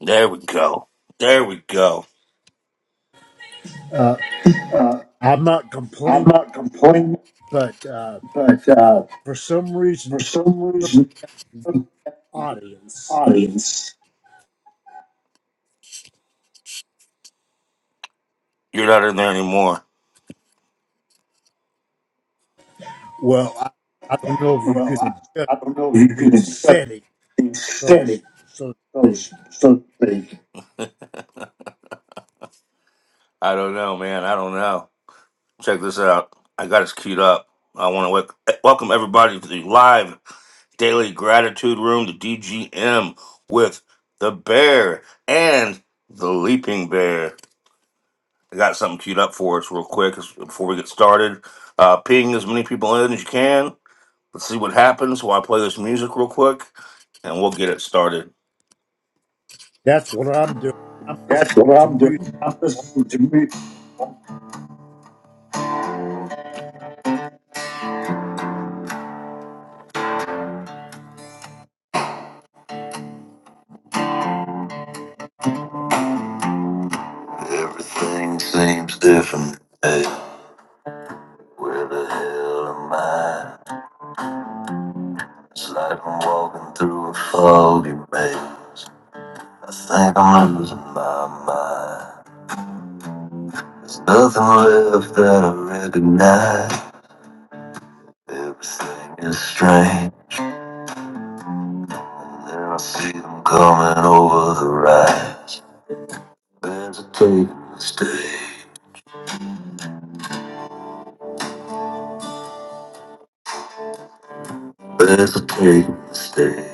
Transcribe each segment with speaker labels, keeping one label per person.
Speaker 1: There we go. There we go.
Speaker 2: Uh, I'm not
Speaker 1: I'm
Speaker 2: complaining,
Speaker 1: not complaining,
Speaker 2: but uh,
Speaker 1: but uh,
Speaker 2: for some reason,
Speaker 1: for some
Speaker 2: the
Speaker 1: reason, the
Speaker 2: audience.
Speaker 1: audience, You're not in there anymore.
Speaker 2: Well, I, I don't know if you
Speaker 1: well,
Speaker 2: can adjust
Speaker 1: I, I don't know if you
Speaker 2: the
Speaker 1: can accept
Speaker 2: setting,
Speaker 1: the
Speaker 2: so to, s-
Speaker 1: aesthetic
Speaker 2: so to
Speaker 1: of
Speaker 2: speak.
Speaker 1: something. I don't know, man. I don't know. Check this out. I got us queued up. I want to wel- welcome everybody to the live daily gratitude room, the DGM, with the bear and the leaping bear. I got something queued up for us real quick as- before we get started. Uh, ping as many people in as you can. Let's see what happens while I play this music real quick, and we'll get it started.
Speaker 2: That's what I'm doing. I'm
Speaker 1: That's
Speaker 2: listening
Speaker 1: what
Speaker 2: to
Speaker 1: I'm
Speaker 2: music,
Speaker 1: doing. I'm listening to me. Everything seems different. Hey, where the hell am I? It's like I'm walking through a foggy maze. I think I'm losing my mind. There's nothing left that I recognize. Everything is strange. And I see them coming over the rise. There's a tape stay. There's a tape stay.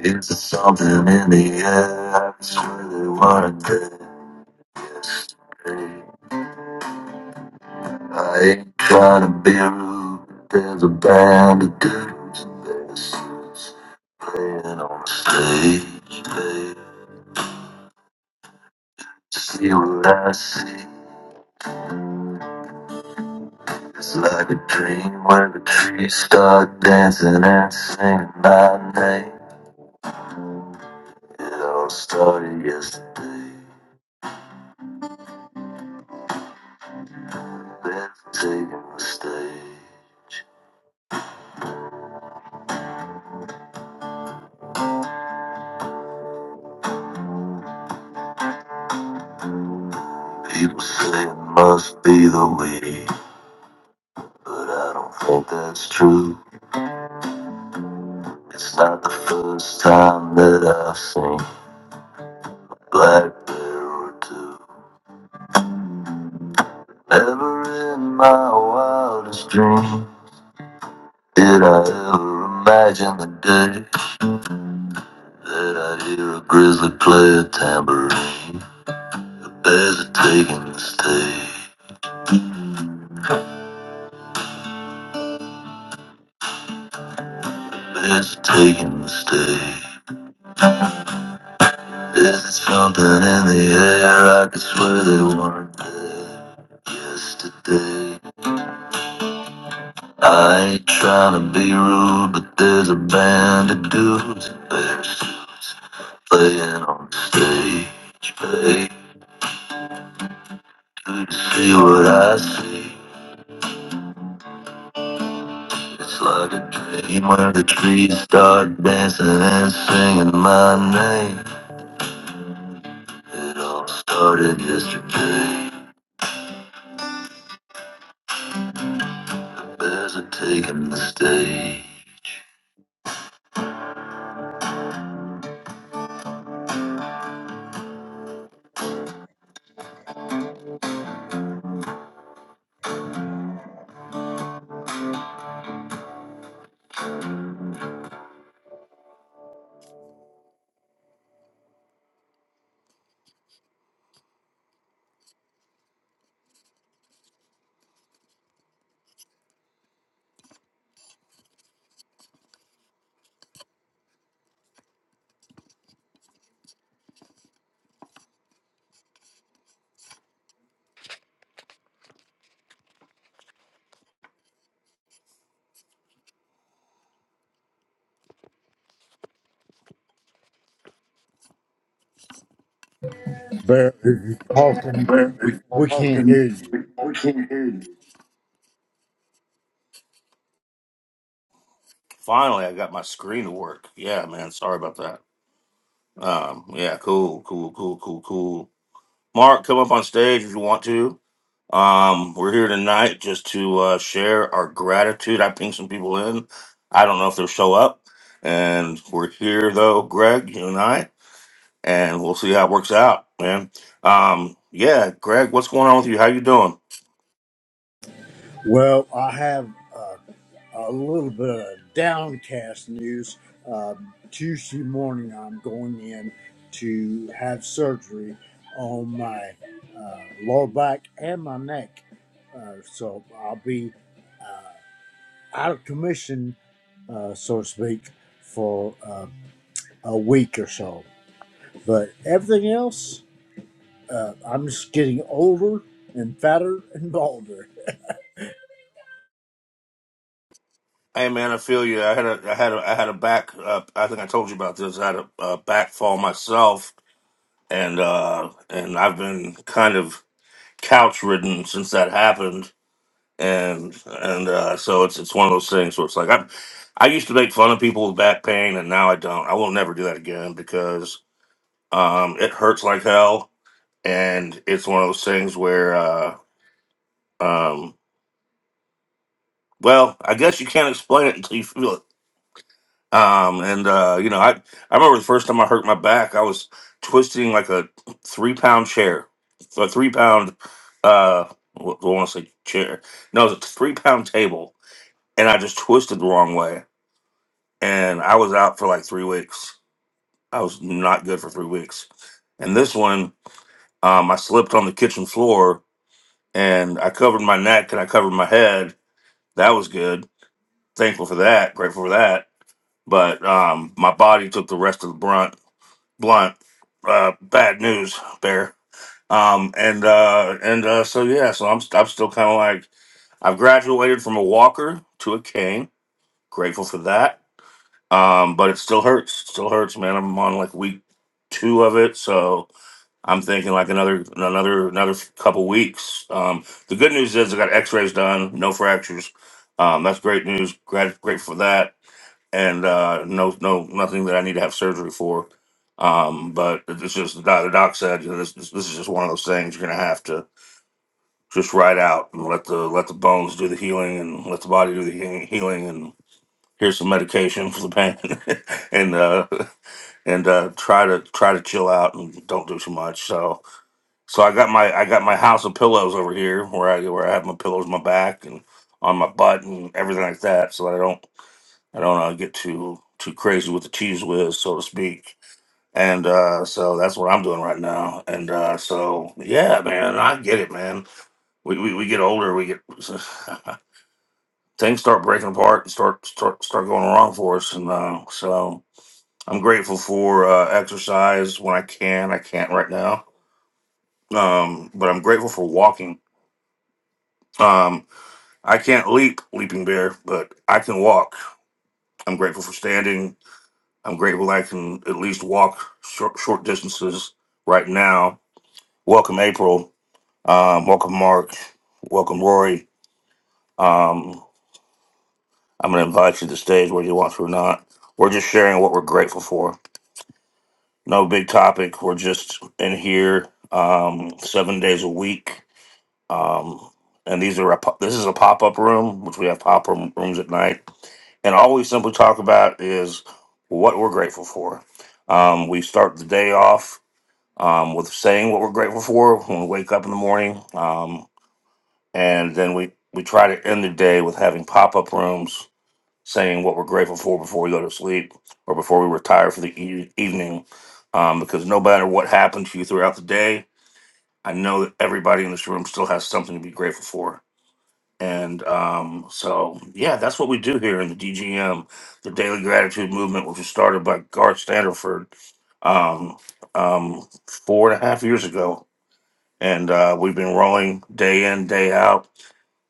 Speaker 1: It's a something in the air. I swear they weren't there yesterday. I ain't trying to be rude. but There's a band of dudes in their suits playing on the stage. They see what I see. It's like a dream where the trees start dancing and singing my name. It all started yesterday. Then taking a stage. People say it must be the way, but I don't think that's true. It's not the first time that I've seen Black Bear or two. Never in my wildest dream did I ever imagine the day. That I hear a grizzly play a tambourine. Bears are taking the stage. Bears are taking the stage. There's something in the air. I could swear they weren't there yesterday. I ain't trying to be rude, but there's a band of dudes in bear suits playing on the stage. Pay to see what I see. It's like a dream when the trees start dancing and singing my name. It all started yesterday. Bears are taking the stage.
Speaker 2: but if you're talking,
Speaker 1: Where
Speaker 2: we,
Speaker 1: is
Speaker 2: we can't hear
Speaker 1: Austin?
Speaker 2: you.
Speaker 1: We can't hear you. Finally, I got my screen to work. Yeah, man. Sorry about that. Um, yeah, cool, cool, cool, cool, cool. Mark, come up on stage if you want to. Um, we're here tonight just to uh, share our gratitude. I pinged some people in. I don't know if they'll show up. And we're here though, Greg, you and I, and we'll see how it works out, man. Um, yeah, Greg, what's going on with you? How you doing?
Speaker 2: Well, I have uh, a little bit of downcast news. Uh, Tuesday morning, I'm going in to have surgery on my uh, lower back and my neck. Uh, so I'll be out of commission, uh, so to speak, for uh, a week or so. But everything else, uh, I'm just getting older and fatter and balder.
Speaker 1: Hey man, I feel you. I had a, I had a, I had a back. Uh, I think I told you about this. I had a, uh back fall myself, and uh, and I've been kind of couch ridden since that happened and and uh, so it's it's one of those things where it's like I I used to make fun of people with back pain, and now I don't. I will never do that again because um, it hurts like hell, and it's one of those things where uh, um, well, I guess you can't explain it until you feel it. Um, and uh, you know, I I remember the first time I hurt my back, I was twisting like a three pound chair, a three pound uh, wh- I want to say chair. No, it was a three pound table, and I just twisted the wrong way and I was out for like three weeks. I was not good for three weeks. And this one, um, I slipped on the kitchen floor and I covered my neck and I covered my head. That was good. Thankful for that. Grateful for that. But um, my body took the rest of the brunt. Blunt. Uh, bad news, bear. Um, and uh, and uh, so yeah, so I'm I'm still kind of like I've graduated from a walker to a cane. Grateful for that Um, but it still hurts. Still hurts, man. I'm on like week two of it, so I'm thinking like another another another couple weeks. Um, the good news is I got X-rays done, no fractures. Um, that's great news. Grat- grateful for that, and uh, no no nothing that I need to have surgery for. Um, but it's just the doc, the doc said you know, this, this this is just one of those things you're gonna have to just ride out and let the let the bones do the healing and let the body do the healing healing and here's some medication for the pain and uh and uh, try to try to chill out and don't do too much. So so I got my I got my house of pillows over here where I where I have my pillows on my back and on my butt and everything like that. So that I don't I don't uh, get too too crazy with the cheese whiz, so to speak. And uh, so that's what I'm doing right now. And uh, so yeah, man, I get it, man. We we, we get older, we get things start breaking apart and start start start going wrong for us. And uh, so I'm grateful for uh, exercise when I can. I can't right now, um, but I'm grateful for walking. Um, I can't leap, leaping bear, but I can walk. I'm grateful for standing. I'm grateful I can at least walk short, short distances right now. Welcome, April. Um, welcome, Mark. Welcome, Rory. Um, I'm going to invite you to the stage whether you want to or not. We're just sharing what we're grateful for. No big topic. We're just in here um, seven days a week Um, and these are a, po- this is a pop up room, which we have pop up rooms at night. And all we simply talk about is what we're grateful for. Um, we start the day off um, with saying what we're grateful for when we wake up in the morning, um, and then we we try to end the day with having pop up rooms saying what we're grateful for before we go to sleep or before we retire for the e- evening. Um, because no matter what happens to you throughout the day, I know that everybody in this room still has something to be grateful for and um, so, yeah, that's what we do here in the DGM, the Daily Gratitude Movement, which was started by Garth Standerford um, um, four and a half years ago. And uh, we've been rolling day in, day out.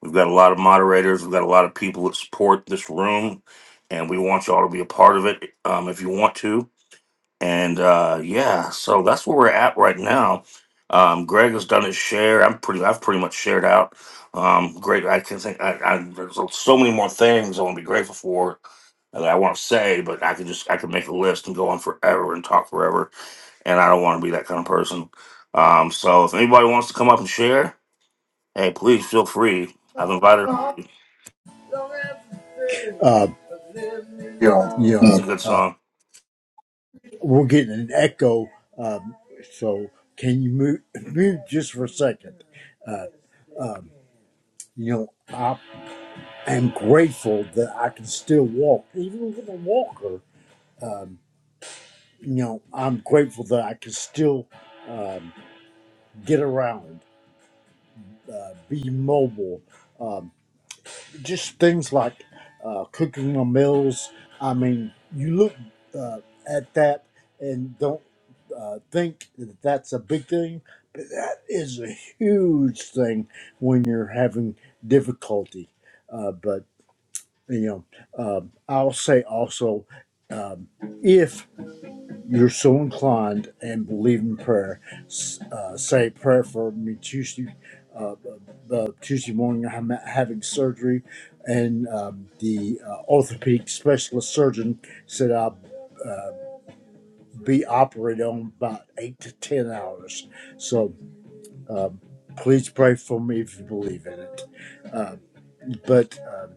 Speaker 1: We've got a lot of moderators, we've got a lot of people that support this room, and we want you all to be a part of it um, if you want to. And uh, yeah, so that's where we're at right now. Um, Greg has done his share. I'm pretty. I've pretty much shared out. Um, great. I can think. I, I, there's so so many more things I want to be grateful for that I want to say, but I can just I can make a list and go on forever and talk forever. And I don't want to be that kind of person. Um, so if anybody wants to come up and share, hey, please feel free. I've invited.
Speaker 2: Uh,
Speaker 1: Yo.
Speaker 2: you know.
Speaker 1: It's a good song.
Speaker 2: We're getting an echo, um, so can you move, move just for a second? Uh, you know, I am grateful that I can still walk, even with a walker. You know, I'm grateful that I can still get around, uh, be mobile. Um, just things like uh, cooking the meals. I mean, you look uh, at that and don't uh, think that that's a big thing, but that is a huge thing when you're having difficulty. Uh, but you know, um, I'll say also, um, if you're so inclined and believe in prayer, s- uh, say a prayer for me Tuesday, uh, uh, Tuesday morning. I'm having surgery, and um, the uh, orthopedic specialist surgeon said I'll uh, be operated on about eight to ten hours. So um, please pray for me if you believe in it. Uh, but. um,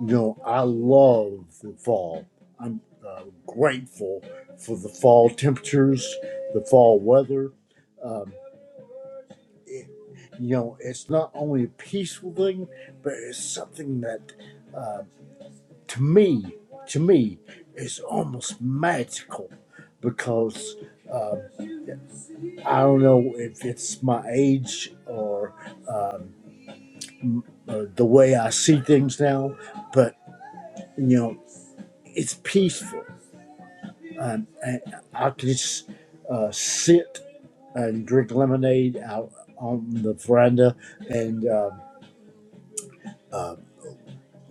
Speaker 2: you know, I love the fall. I'm uh, grateful for the fall temperatures, the fall weather. Um, it, you know, it's not only a peaceful thing, but it's something that, uh, to me, to me, is almost magical because um, I don't know if it's my age or um, m- uh, the way I see things now, but you know, it's peaceful um, and I could just uh, sit and drink lemonade out on the veranda and um, uh,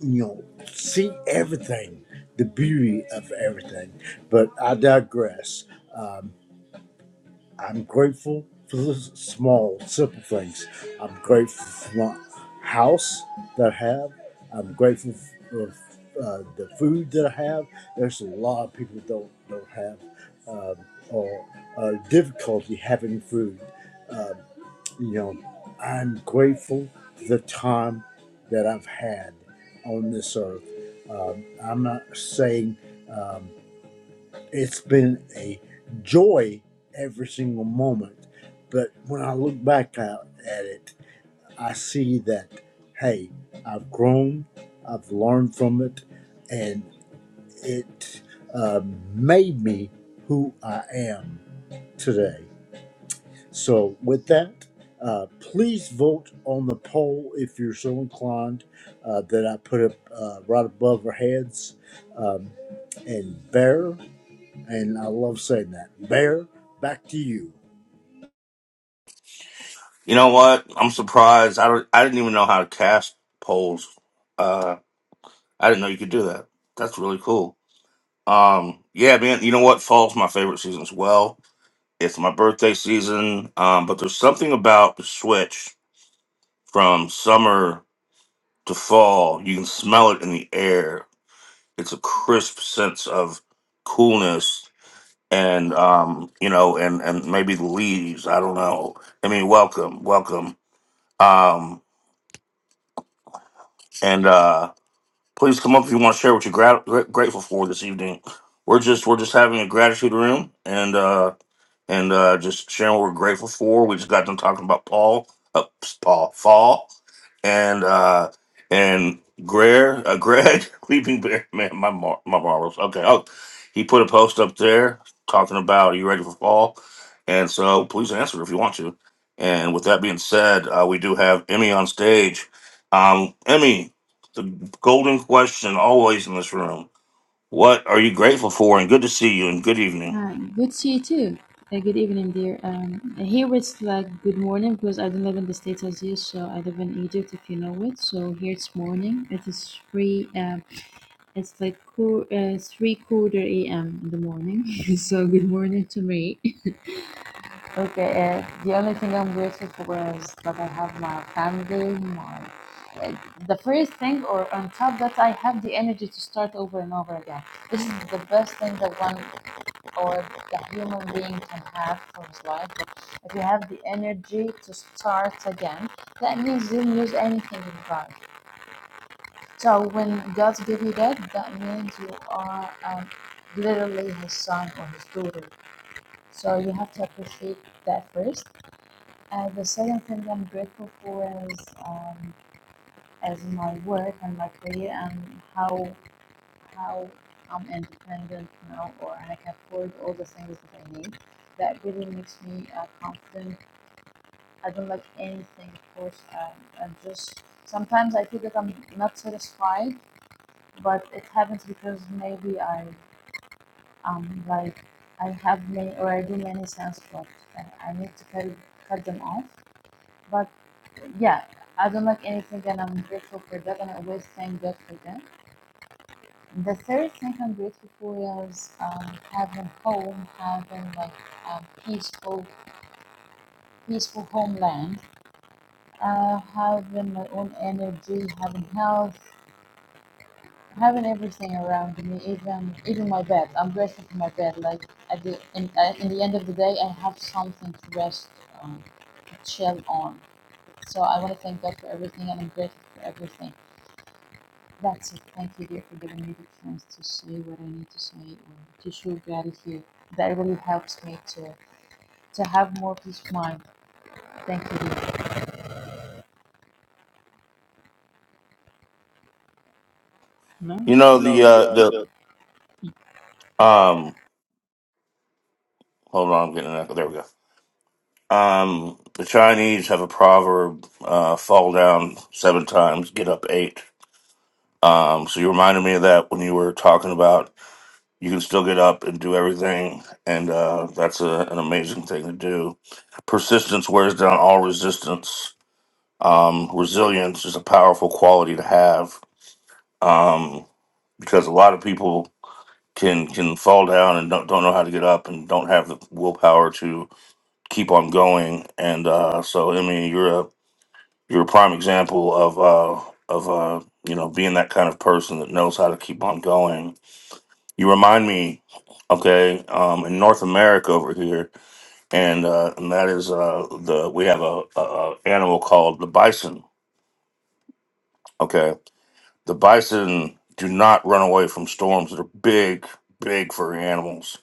Speaker 2: you know see everything, the beauty of everything. But I digress. Um, I'm grateful for the s- small, simple things. I'm grateful for my house that I have. I'm grateful for uh, the food that I have. There's a lot of people that don't don't have um or uh, difficulty having food. Um you know, I'm grateful for the time that I've had on this earth. Um, I'm not saying. Um, it's been a joy every single moment. But when I look back at, at it, I see that, hey, I've grown, I've learned from it, and it uh, made me who I am today. So, with that, uh, please vote on the poll if you're so inclined uh, that I put up uh, right above our heads. Um, and Bear and I love saying that. Bear, back to you.
Speaker 1: You know what? I'm surprised. I don't. I didn't even know how to cast polls. uh, I didn't know you could do that. That's really cool. Um, yeah, man. You know what? Fall's my favorite season as well. It's my birthday season. Um, but there's something about the switch from summer to fall. You can smell it in the air. It's a crisp sense of coolness, and um, you know, and and maybe the leaves. I don't know. I mean, welcome, welcome. Um, and uh, Please come up if you want to share what you're grat- gra- grateful for this evening. We're just we're just having a gratitude room, and uh, and uh, just sharing what we're grateful for. We just got done talking about Paul, uh, Paul, fall, and uh, and Greg, uh, Greg, Leaping Bear. Man, my mar- my marbles. Okay, oh, he put a post up there talking about are you ready for fall? And so please answer if you want to. And with that being said, uh, we do have Emmy on stage. Um, Emmy, the golden question always in this room: What are you grateful for? And good to see you. And good evening.
Speaker 3: Hi, good to see you too. Uh, good evening, dear. Um, here it's like good morning because I don't live in the States as you, so I live in Egypt if you know it. So here it's morning. It is three. Um, it's like qu- uh, three quarter a.m. in the morning. so good morning to me. Okay. Uh, the only thing I'm grateful for is that I have my family, my uh, the first thing or on top that I have the energy to start over and over again. This is the best thing that one or the human being can have for his life. But if you have the energy to start again, that means you didn't lose anything in life. So when God give you that, that means you are um, literally his son or his daughter. So you have to appreciate that first. Uh, the second thing I'm grateful for is um, as my work and my career and how how I'm independent now or I can afford all the things that I need. That really makes me uh, confident. I don't like anything, of course. Um, I just sometimes I feel that I'm not satisfied, but it happens because maybe I um like I have many or I do many sins, but uh, I need to cut cut them off. But yeah, I don't like anything, and I'm grateful for that, and I always thank God for that the third thing I'm grateful for is um, having home, having like a peaceful, peaceful homeland, uh, having my own energy, having health, having everything around me, even even my bed. I'm grateful for my bed. Like at the in, uh, in the end of the day, I have something to rest on, to chill on. So I want to thank God for everything, and I'm grateful for everything. That's it. Thank you, dear, for giving me the chance to say what I need to say and to show gratitude. That really helps me to to have more peace of mind. Thank you, dear. No.
Speaker 1: You know
Speaker 3: You know
Speaker 1: the
Speaker 3: the
Speaker 1: uh,
Speaker 3: uh,
Speaker 1: the
Speaker 3: the um,
Speaker 1: Um, hold on, I'm getting an echo. There we go. Um, the Chinese have a proverb: uh, "Fall down seven times, get up eight." Um, so you reminded me of that when you were talking about you can still get up and do everything, and uh, that's a, an amazing thing to do. Persistence wears down all resistance. Um, resilience is a powerful quality to have um, because a lot of people can can fall down and don't, don't know how to get up and don't have the willpower to keep on going. And uh, so, I mean, you're a you're a prime example of uh, of uh, you know being that kind of person that knows how to keep on going. You remind me, okay, um, in North America over here, and uh, and that is uh, the we have a, a, a animal called the bison. Okay, the bison do not run away from storms. They're big, big furry animals.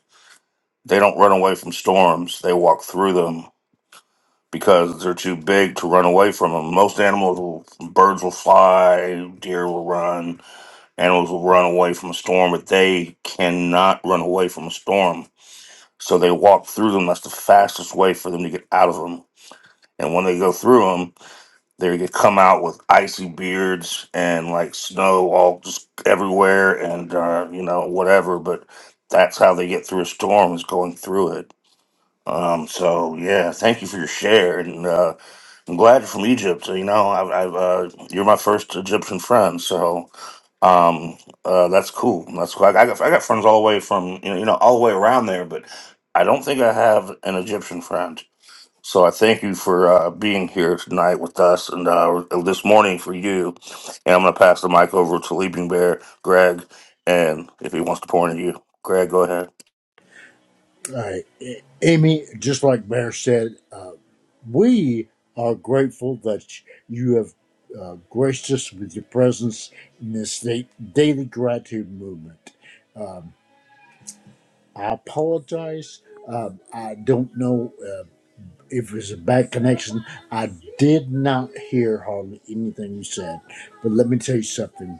Speaker 1: They don't run away from storms. They walk through them because they're too big to run away from them. Most animals will, birds will fly, deer will run, animals will run away from a storm, but they cannot run away from a storm. So they walk through them. That's the fastest way for them to get out of them. And when they go through them, they get- come out with icy beards and like snow all just everywhere and, uh, you know, whatever. But that's how they get through a storm is going through it. Um, so yeah, thank you for your share. And, uh, I'm glad you're from Egypt. so, You know, I've, I've uh, you're my first Egyptian friend, so um, uh, that's cool. That's cool. I, I got I got friends all the way from you know, you know all the way around there, but I don't think I have an Egyptian friend. So I thank you for uh, being here tonight with us, and uh, this morning for you. And I'm going to pass the mic over to Leaping Bear, Greg, and if he wants to pour into you, Greg, go ahead.
Speaker 2: All right, A- Amy. Just like Bear said, uh, we are grateful that you have uh, graced us with your presence in this da- daily gratitude movement. I apologize. Um, I don't know uh, if it was a bad connection. I did not hear hardly anything you said. But let me tell you something.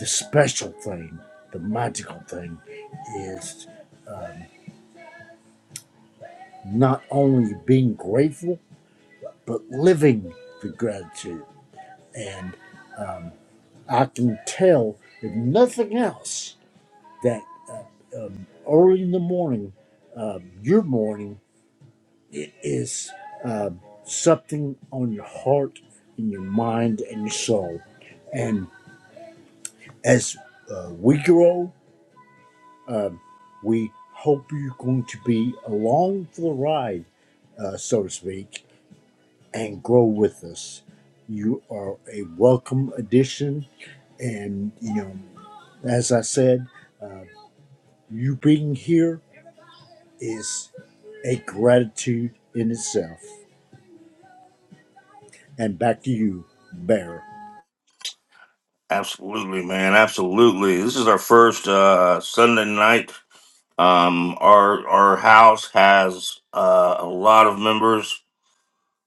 Speaker 2: The special thing, the magical thing, is not only being grateful, but living the gratitude. And um, I can tell, if nothing else, that uh, um, early in the morning, uh, your morning, it is uh, something on your heart and your mind and your soul. And as uh, we grow, um, we hope you're going to be along for the ride, uh, so to speak and grow with us. You are a welcome addition, and you know, as I said, uh, you being here is a gratitude in itself. And back to you, Bear.
Speaker 1: Absolutely, man. Absolutely. This is our first uh, Sunday night Um, our our house has uh, a lot of members.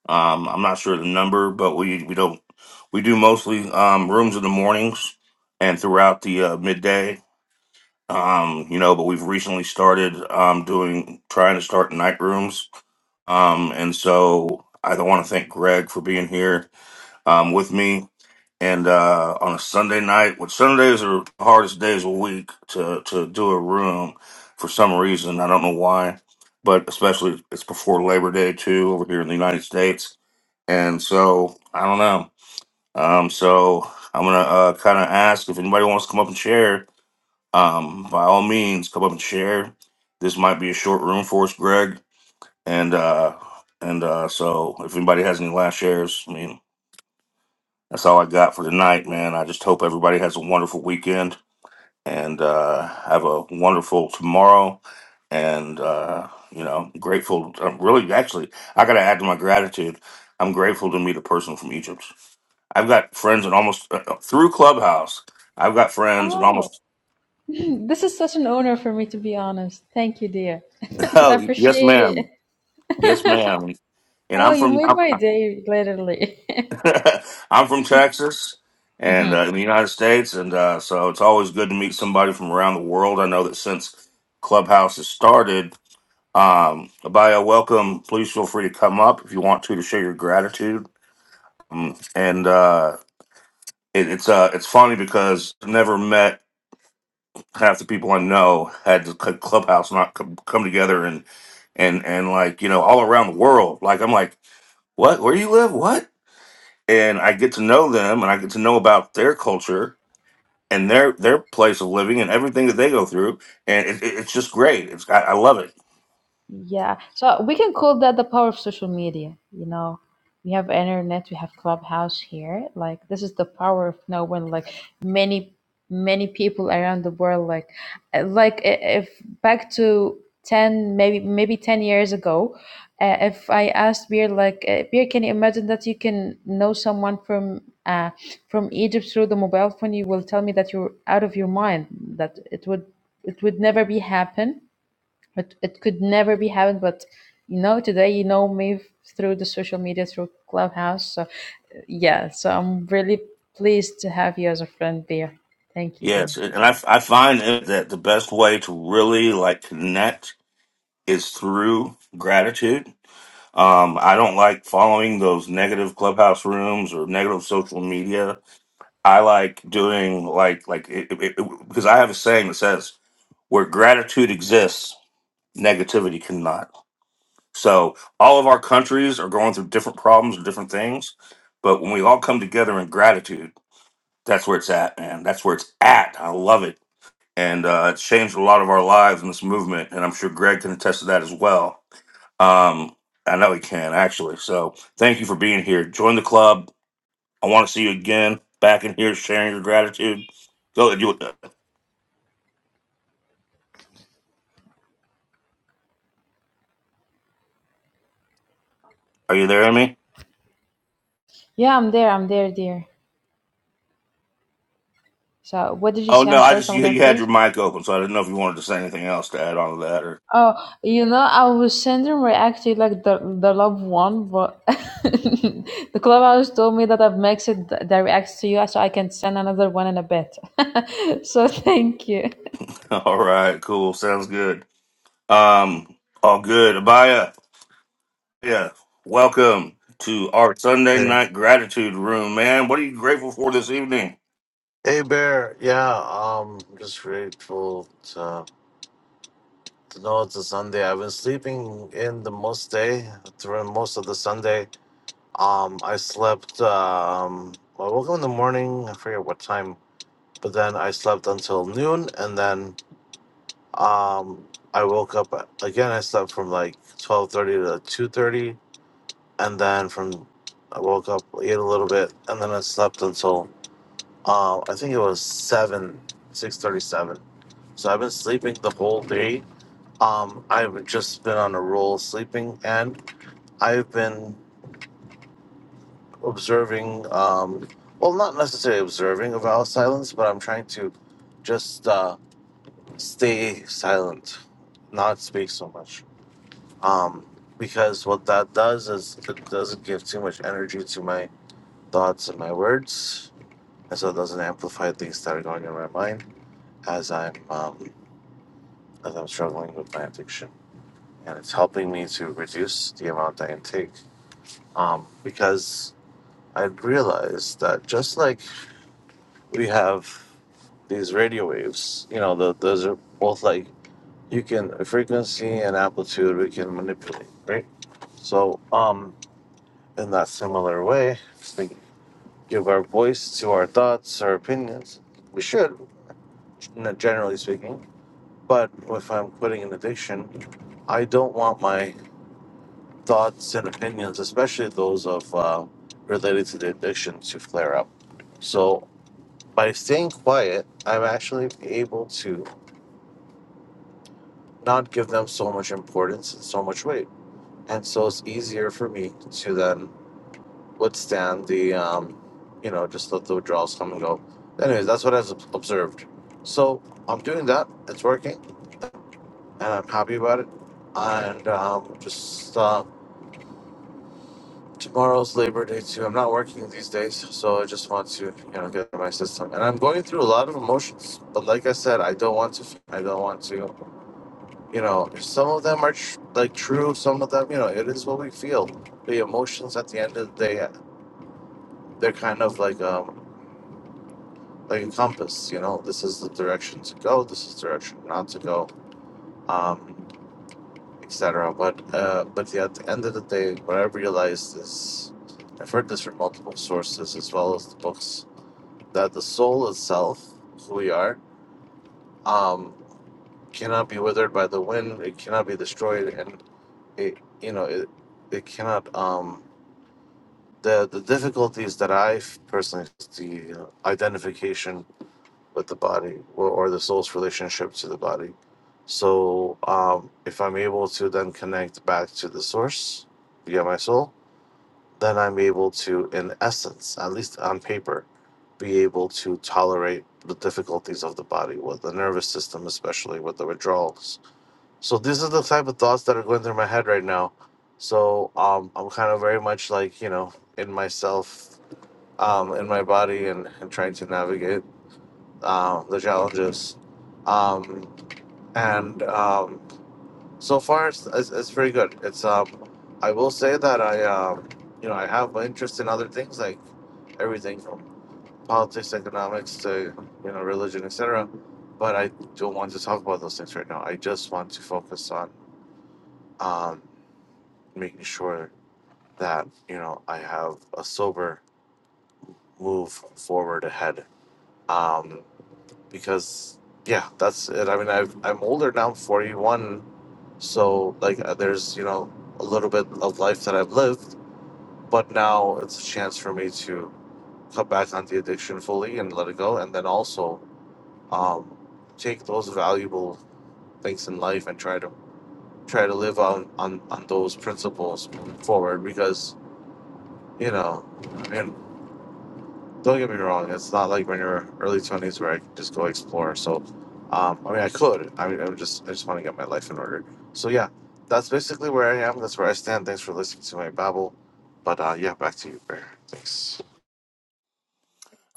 Speaker 1: Um, I'm not sure the number, but we we don't we do mostly um, rooms in the mornings and throughout the uh, midday. Um, you know, but we've recently started um, doing trying to start night rooms. Um, and so I want to thank Greg for being here um, with me and uh, on a Sunday night, which Sundays are the hardest days of the week to to do a room for some reason. I don't know why, but especially it's before Labor Day too over here in the United States, and so I don't know. Um, so I'm gonna uh, kind of ask if anybody wants to come up and share. Um, by all means, come up and share. This might be a short room for us, Greg, and uh, and uh, so if anybody has any last shares, I mean. That's all I got for tonight, man. I just hope everybody has a wonderful weekend and uh, have a wonderful tomorrow. And, uh, you know, grateful. I'm really, actually, I got to add to my gratitude. I'm grateful to meet a person from Egypt. I've got friends in almost uh, uh, through Clubhouse. I've got friends in
Speaker 3: Oh,
Speaker 1: almost,
Speaker 3: this is such an honor for me to be honest. Thank you, dear. I
Speaker 1: oh, yes,
Speaker 3: appreciate it.
Speaker 1: ma'am. Yes, ma'am. And
Speaker 3: Oh,
Speaker 1: I'm
Speaker 3: you
Speaker 1: from,
Speaker 3: made my day, literally.
Speaker 1: I'm from Texas and uh, in the United States, and uh, so it's always good to meet somebody from around the world. I know that since Clubhouse has started, um, Abaya, welcome. Please feel free to come up if you want to to share your gratitude. Um, and uh, it, it's uh, it's funny because I've never met half the people I know had the Cl- Clubhouse not come, come together and and and like you know all around the world. Like I'm like. What? Where you live? What? and I get to know them and I get to know about their culture and their their place of living and everything that they go through and it, it- it's just great it's I, I love it
Speaker 3: Yeah, so we can call that the power of social media. You know, we have internet, we have Clubhouse here. Like this is the power of no one. Like many, many people around the world. Like, uh, like i- if back to ten, maybe maybe ten years ago, uh, if I asked Beer, like uh, Beer, can you imagine that you can know someone from uh from Egypt through the mobile phone? You will tell me that you're out of your mind. That it would it would never be happen but it could never be happened. But you know, today you know me through the social media, through Clubhouse. So yeah, so I'm really pleased to have you as a friend, dear. Thank you,
Speaker 1: yes
Speaker 3: dear.
Speaker 1: and I, I find it that the best way to really like connect is through gratitude um, I don't like following those negative clubhouse rooms or negative social media I like doing like like it, it, it- because I have a saying that says where gratitude exists negativity cannot So all of our countries are going through different problems or different things, but when we all come together in gratitude, that's where it's at, man. That's where it's at. I love it, and uh, it's changed a lot of our lives in this movement, and I'm sure Greg can attest to that as well. Um, I know he can actually. So thank you for being here. Join the club. I want to see you again back in here sharing your gratitude. Go. You, are you there, Amy?
Speaker 3: Yeah, I'm there. I'm there, dear. So what did you
Speaker 1: Oh
Speaker 3: say?
Speaker 1: no,
Speaker 3: I'm
Speaker 1: I
Speaker 3: sorry.
Speaker 1: just
Speaker 3: Come
Speaker 1: you,
Speaker 3: again,
Speaker 1: you had your
Speaker 3: please.
Speaker 1: mic open, so I didn't know if you wanted to say anything else to add on to that or.
Speaker 3: Oh, you know, I was sending react like the the love one, but the clubhouse told me that I've maxed the, the reacts to you, so I can send another one in a bit. so thank you.
Speaker 1: All right, cool. Sounds good. Um, all good. Abaya, yeah, welcome to our Sunday
Speaker 4: Hey,
Speaker 1: night gratitude room, man. What are you grateful for this evening?
Speaker 4: hey Bear. Yeah, um, just grateful to, to know it's a Sunday. I've been sleeping in the most day during most of the Sunday. Um, I slept. Um, I woke up in the morning. I forget what time, but then I slept until noon, and then um, I woke up again. I slept from like twelve thirty to two thirty, and then from I woke up, ate a little bit, and then I slept until uh, I think it was seven, six thirty seven So I've been sleeping the whole day. Um, I've just been on a roll sleeping, and I've been observing. Um, well, not necessarily observing about silence, but I'm trying to just uh, stay silent, not speak so much. Um, because what that does is it doesn't give too much energy to my thoughts and my words, and so it doesn't amplify things that are going in my mind as I'm um, as I'm struggling with my addiction. and it's helping me to reduce the amount I intake. Um, because I realized that just like we have these radio waves, you know, tho- those are both like you can frequency and amplitude we can manipulate, right? So, um, in that similar way, if we give our voice to our thoughts, our opinions. We should, n- generally speaking. But if I'm quitting an addiction, I don't want my thoughts and opinions, especially those of uh, related to the addiction, to flare up. So by staying quiet, I'm actually able to not give them so much importance and so much weight, and so it's easier for me to then withstand the, um, you know, just let the withdrawals come and go. Anyways, that's what I've observed. So I'm doing that. It's working, and I'm happy about it. And um, just uh, Tomorrow's Labor Day too. I'm not working these days, so I just want to, you know, get my system. And I'm going through a lot of emotions, but like I said, I don't want to. I don't want to. You know, some of them are tr- like true. Some of them, you know, it is what we feel. The emotions at the end of the day, they're kind of like um like a compass. You know, this is the direction to go. This is the direction not to go. Um, etc. But uh, but yeah, at the end of the day, what I realized is, I've heard this from multiple sources as well as the books that the soul itself, who we are, um, cannot be withered by the wind. It cannot be destroyed, and it, you know, it, it cannot. Um, the the difficulties that I f- personally see you know, identification with the body or, or the soul's relationship to the body. So, um, if I'm able to then connect back to the source via my soul, then I'm able to, in essence, at least on paper, be able to tolerate the difficulties of the body with the nervous system, especially with the withdrawals. So these are the type of thoughts that are going through my head right now. So um, I'm kind of very much like you know in myself, um, in my body, and, and trying to navigate um, the challenges. Um, and um, so far, it's, it's, it's pretty good. It's um, I will say that I um, you know, I have my interest in other things like everything from politics, economics to you know, religion, etc. But I don't want to talk about those things right now. I just want to focus on um, making sure that you know I have a sober move forward ahead. Um, because yeah, that's it. I mean, I've, I'm older now, 41, so like uh, there's you know a little bit of life that I've lived, but now it's a chance for me to cut back on the addiction fully and let it go, and then also um, take those valuable things in life and try to try to live on on, on those principles moving forward because you know. I mean. don't get me wrong, it's not like when you're early twenties where I can just go explore. So, um, I mean, I could. I mean, I'm just, I just want to get my life in order. So yeah, that's basically where I am. That's where I stand. Thanks for listening to my babble. But uh, yeah, back to you, Bear. Thanks.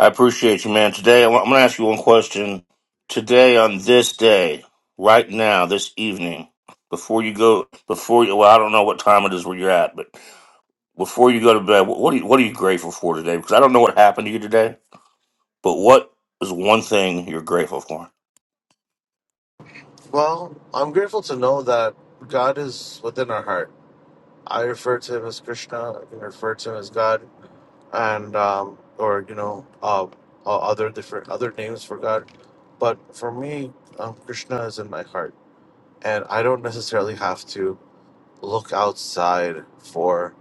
Speaker 1: I appreciate you, man. Today, I wa- I'm going to ask you one question. Today, on this day, right now, this evening, before you go, before you, well, I don't know what time it is where you're at, but before you go to bed, wh- what are you, what are you grateful for today? Because I don't know what happened to you today, but what is one thing you're grateful for?
Speaker 4: Well, I'm grateful to know that God is within our heart. I refer to Him as Krishna. I can refer to Him as God, and um, or you know, uh, uh, other different other names for God. But for me, um, Krishna is in my heart and I don't necessarily have to look outside for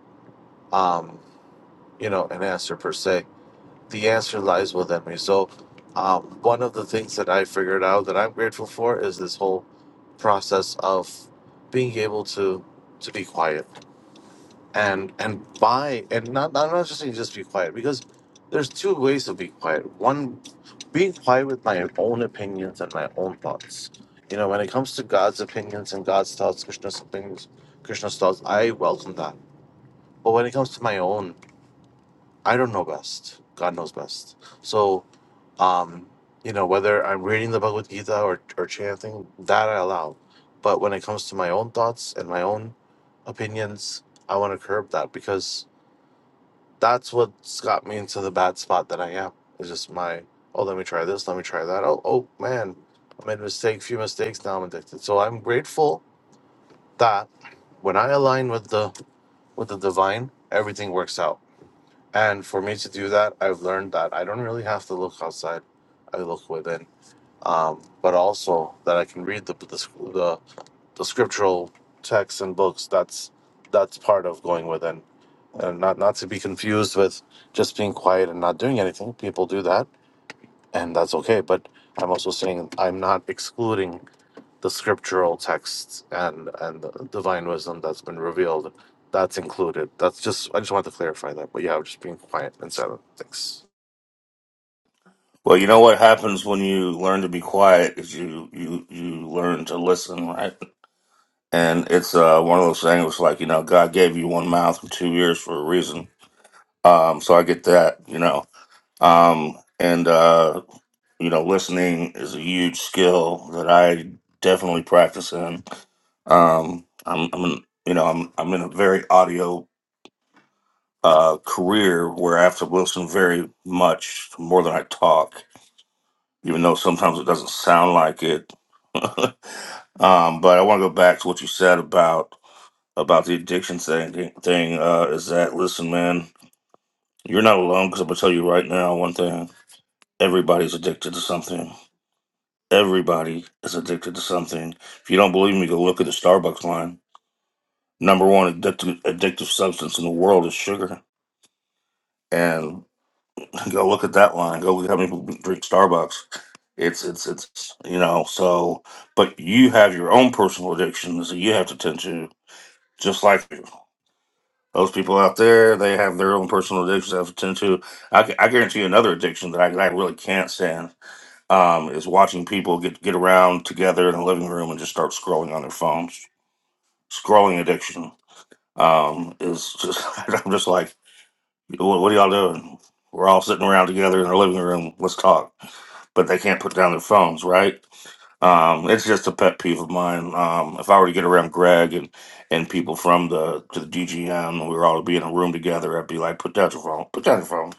Speaker 4: um, you know an answer per se. The answer lies within me. So um, one of the things that I figured out that I'm grateful for is this whole process of being able to to be quiet and and buy and not I'm not just saying just be quiet because there's two ways to be quiet. One, being quiet with my own opinions and my own thoughts. You know, when it comes to God's opinions and God's thoughts, Krishna's opinions, Krishna's thoughts, I welcome that. But when it comes to my own, I don't know best. God knows best. So, um, you know, whether I'm reading the Bhagavad Gita or, or chanting, that I allow. But when it comes to my own thoughts and my own opinions, I want to curb that because that's what's got me into the bad spot that I am. It's just my oh, let me try this, let me try that. Oh, oh man, I made a mistake, few mistakes. Now I'm addicted. So I'm grateful that when I align with the with the divine, everything works out. And for me to do that, I've learned that I don't really have to look outside; I look within. Um, but also that I can read the the, the the scriptural texts and books. That's that's part of going within. Uh, not not to be confused with just being quiet and not doing anything. People do that, and that's okay. But I'm also saying I'm not excluding the scriptural texts and and the divine wisdom that's been revealed. That's included. That's just I just want to clarify that. But yeah, I'm just being quiet and silent. Thanks.
Speaker 1: Well, you know what happens when you learn to be quiet is you you you learn to listen, right? And it's uh, one of those things it's like you know God gave you one mouth and two ears for a reason. Um, so I get that, you know. Um, and uh, you know, listening is a huge skill that I definitely practice in. Um, I'm, I'm in- you know I'm I'm in a very audio uh, career where I have to listen very much more than I talk even though sometimes it doesn't sound like it. um, but I want to go back to what you said about about the addiction thing. Thing uh, is that listen, man, you're not alone. Because I'm gonna tell you right now one thing: everybody's addicted to something. Everybody is addicted to something. If you don't believe me, go look at the Starbucks line. Number one addictive, addictive substance in the world is sugar, and Go look at that line. Go look at how many people drink Starbucks. It's it's it's you know so, but you have your own personal addictions that you have to tend to, just like you. Those people out there, they have their own personal addictions they have to tend to. I, gu- I guarantee you another addiction that I, that I really can't stand um, is watching people get get around together in a living room and just start scrolling on their phones. Scrolling addiction um, is just I'm just like What, what are y'all doing? We're all sitting around together in the living room. Let's talk. But they can't put down their phones, right? Um, it's just a pet peeve of mine. Um, if I were to get around Greg and, and people from the to the DGM, and we were all to be in a room together, I'd be like, put down your phone, put down your phone,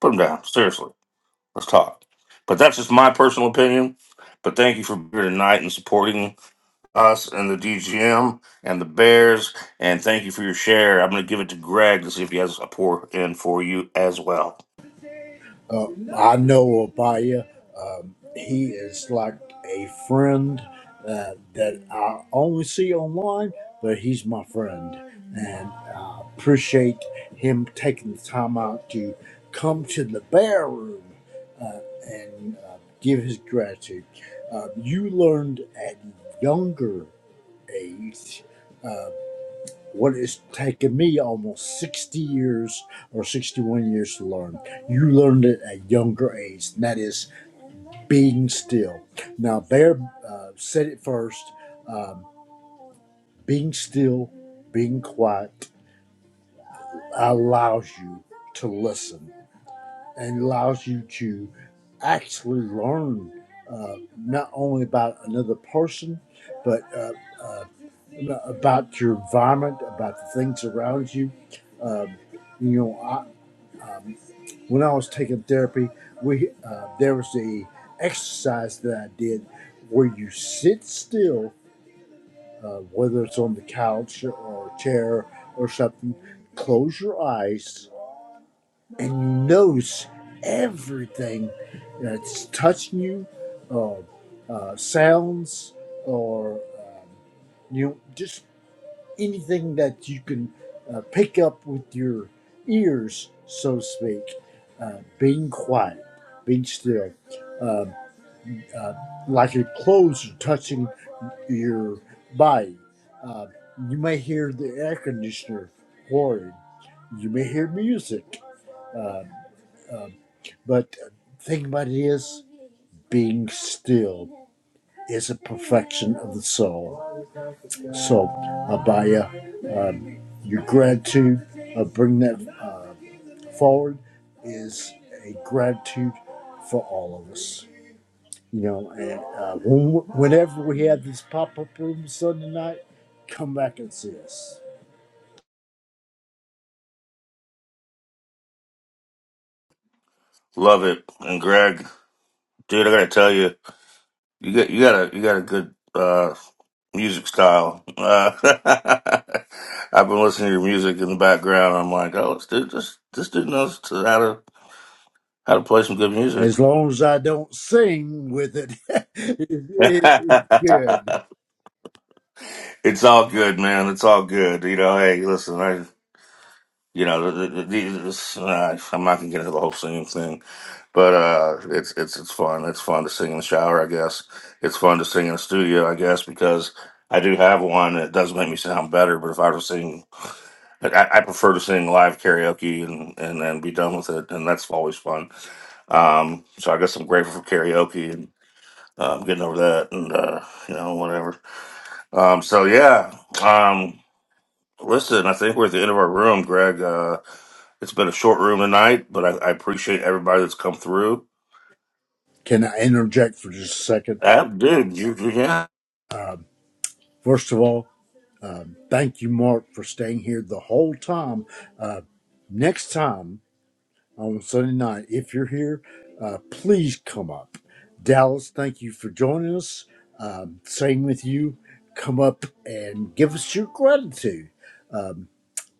Speaker 1: put them down. Seriously, let's talk. But that's just my personal opinion. But thank you for being here tonight and supporting us and the DGM and the Bears. And thank you for your share. I'm going to give it to Greg to see if he has a pour in for you as well.
Speaker 2: Uh, I know Abaya. Um, he is like a friend uh, that I only see online, but he's my friend. And I appreciate him taking the time out to come to the bear room uh, and uh, give his gratitude. Uh, you learned at a younger age uh, what it's taken me almost 60 years or 61 years to learn. You learned it at a younger age, and that is being still. Now, Bear uh, said it first um, being still, being quiet allows you to listen and allows you to actually learn uh, not only about another person, but uh, uh, about your environment, about the things around you. Um, you know, I, um, when I was taking therapy, we uh, there was a exercise that I did where you sit still, uh, whether it's on the couch or a chair or something, close your eyes and knows everything that's touching you, or uh, sounds, or um, you know, just anything that you can uh, pick up with your ears, so to speak. Uh, being quiet, being still, um uh, like your clothes are touching your body. Uh, you may hear the air conditioner roaring. You may hear music But the thing about it is, being still is a perfection of the soul. So, Abaya, um, your gratitude, uh, bring that uh, forward, is a gratitude for all of us. You know, and uh, when- whenever we have these pop up rooms Sunday night, come back and see us.
Speaker 1: Love it. And Greg, dude, I got to tell you, you got you got a you got a good uh, music style. Uh, I've been listening to your music in the background. I'm like, oh, this dude, this this dude knows to- how to how to play some good music.
Speaker 2: As long as I don't sing with it, it, it- it's good.
Speaker 1: it's all good, man. It's all good. You know, hey, listen, you know, the, the, the, this, uh, I'm not gonna get into the whole singing thing, but uh, it's it's it's fun. It's fun to sing in the shower, I guess. It's fun to sing in the studio, I guess, because I do have one that does make me sound better. But if I were to sing, I, I prefer to sing live karaoke and and then be done with it, and that's always fun. Um, so I guess I'm grateful for karaoke and um, getting over that, and uh, you know, whatever. Um, so yeah. Um, Listen, I think we're at the end of our room, Greg. Uh, it's been a short room tonight, but I, I appreciate everybody that's come through.
Speaker 2: Can I interject for just a second?
Speaker 1: Ab, dude, you, you- yeah.
Speaker 2: First of all, Um, Thank you, Mark, for staying here the whole time. Uh, next time on Sunday night, if you're here, uh, please come up. Dallas, thank you for joining us. Um, same with you. Come up and give us your gratitude. Um,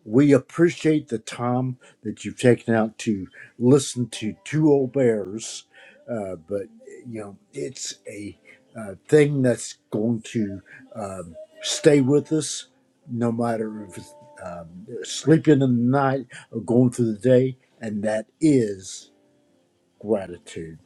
Speaker 2: we appreciate the time that you've taken out to listen to two old bears, uh, but you know it's a uh, thing that's going to um, stay with us, no matter if it's um, sleeping in the night or going through the day, and that is gratitude.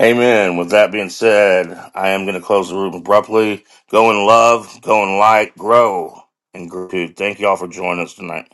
Speaker 1: Amen. With that being said, I am going to close the room abruptly. Go in love, go in light, grow in gratitude. Thank you all for joining us tonight.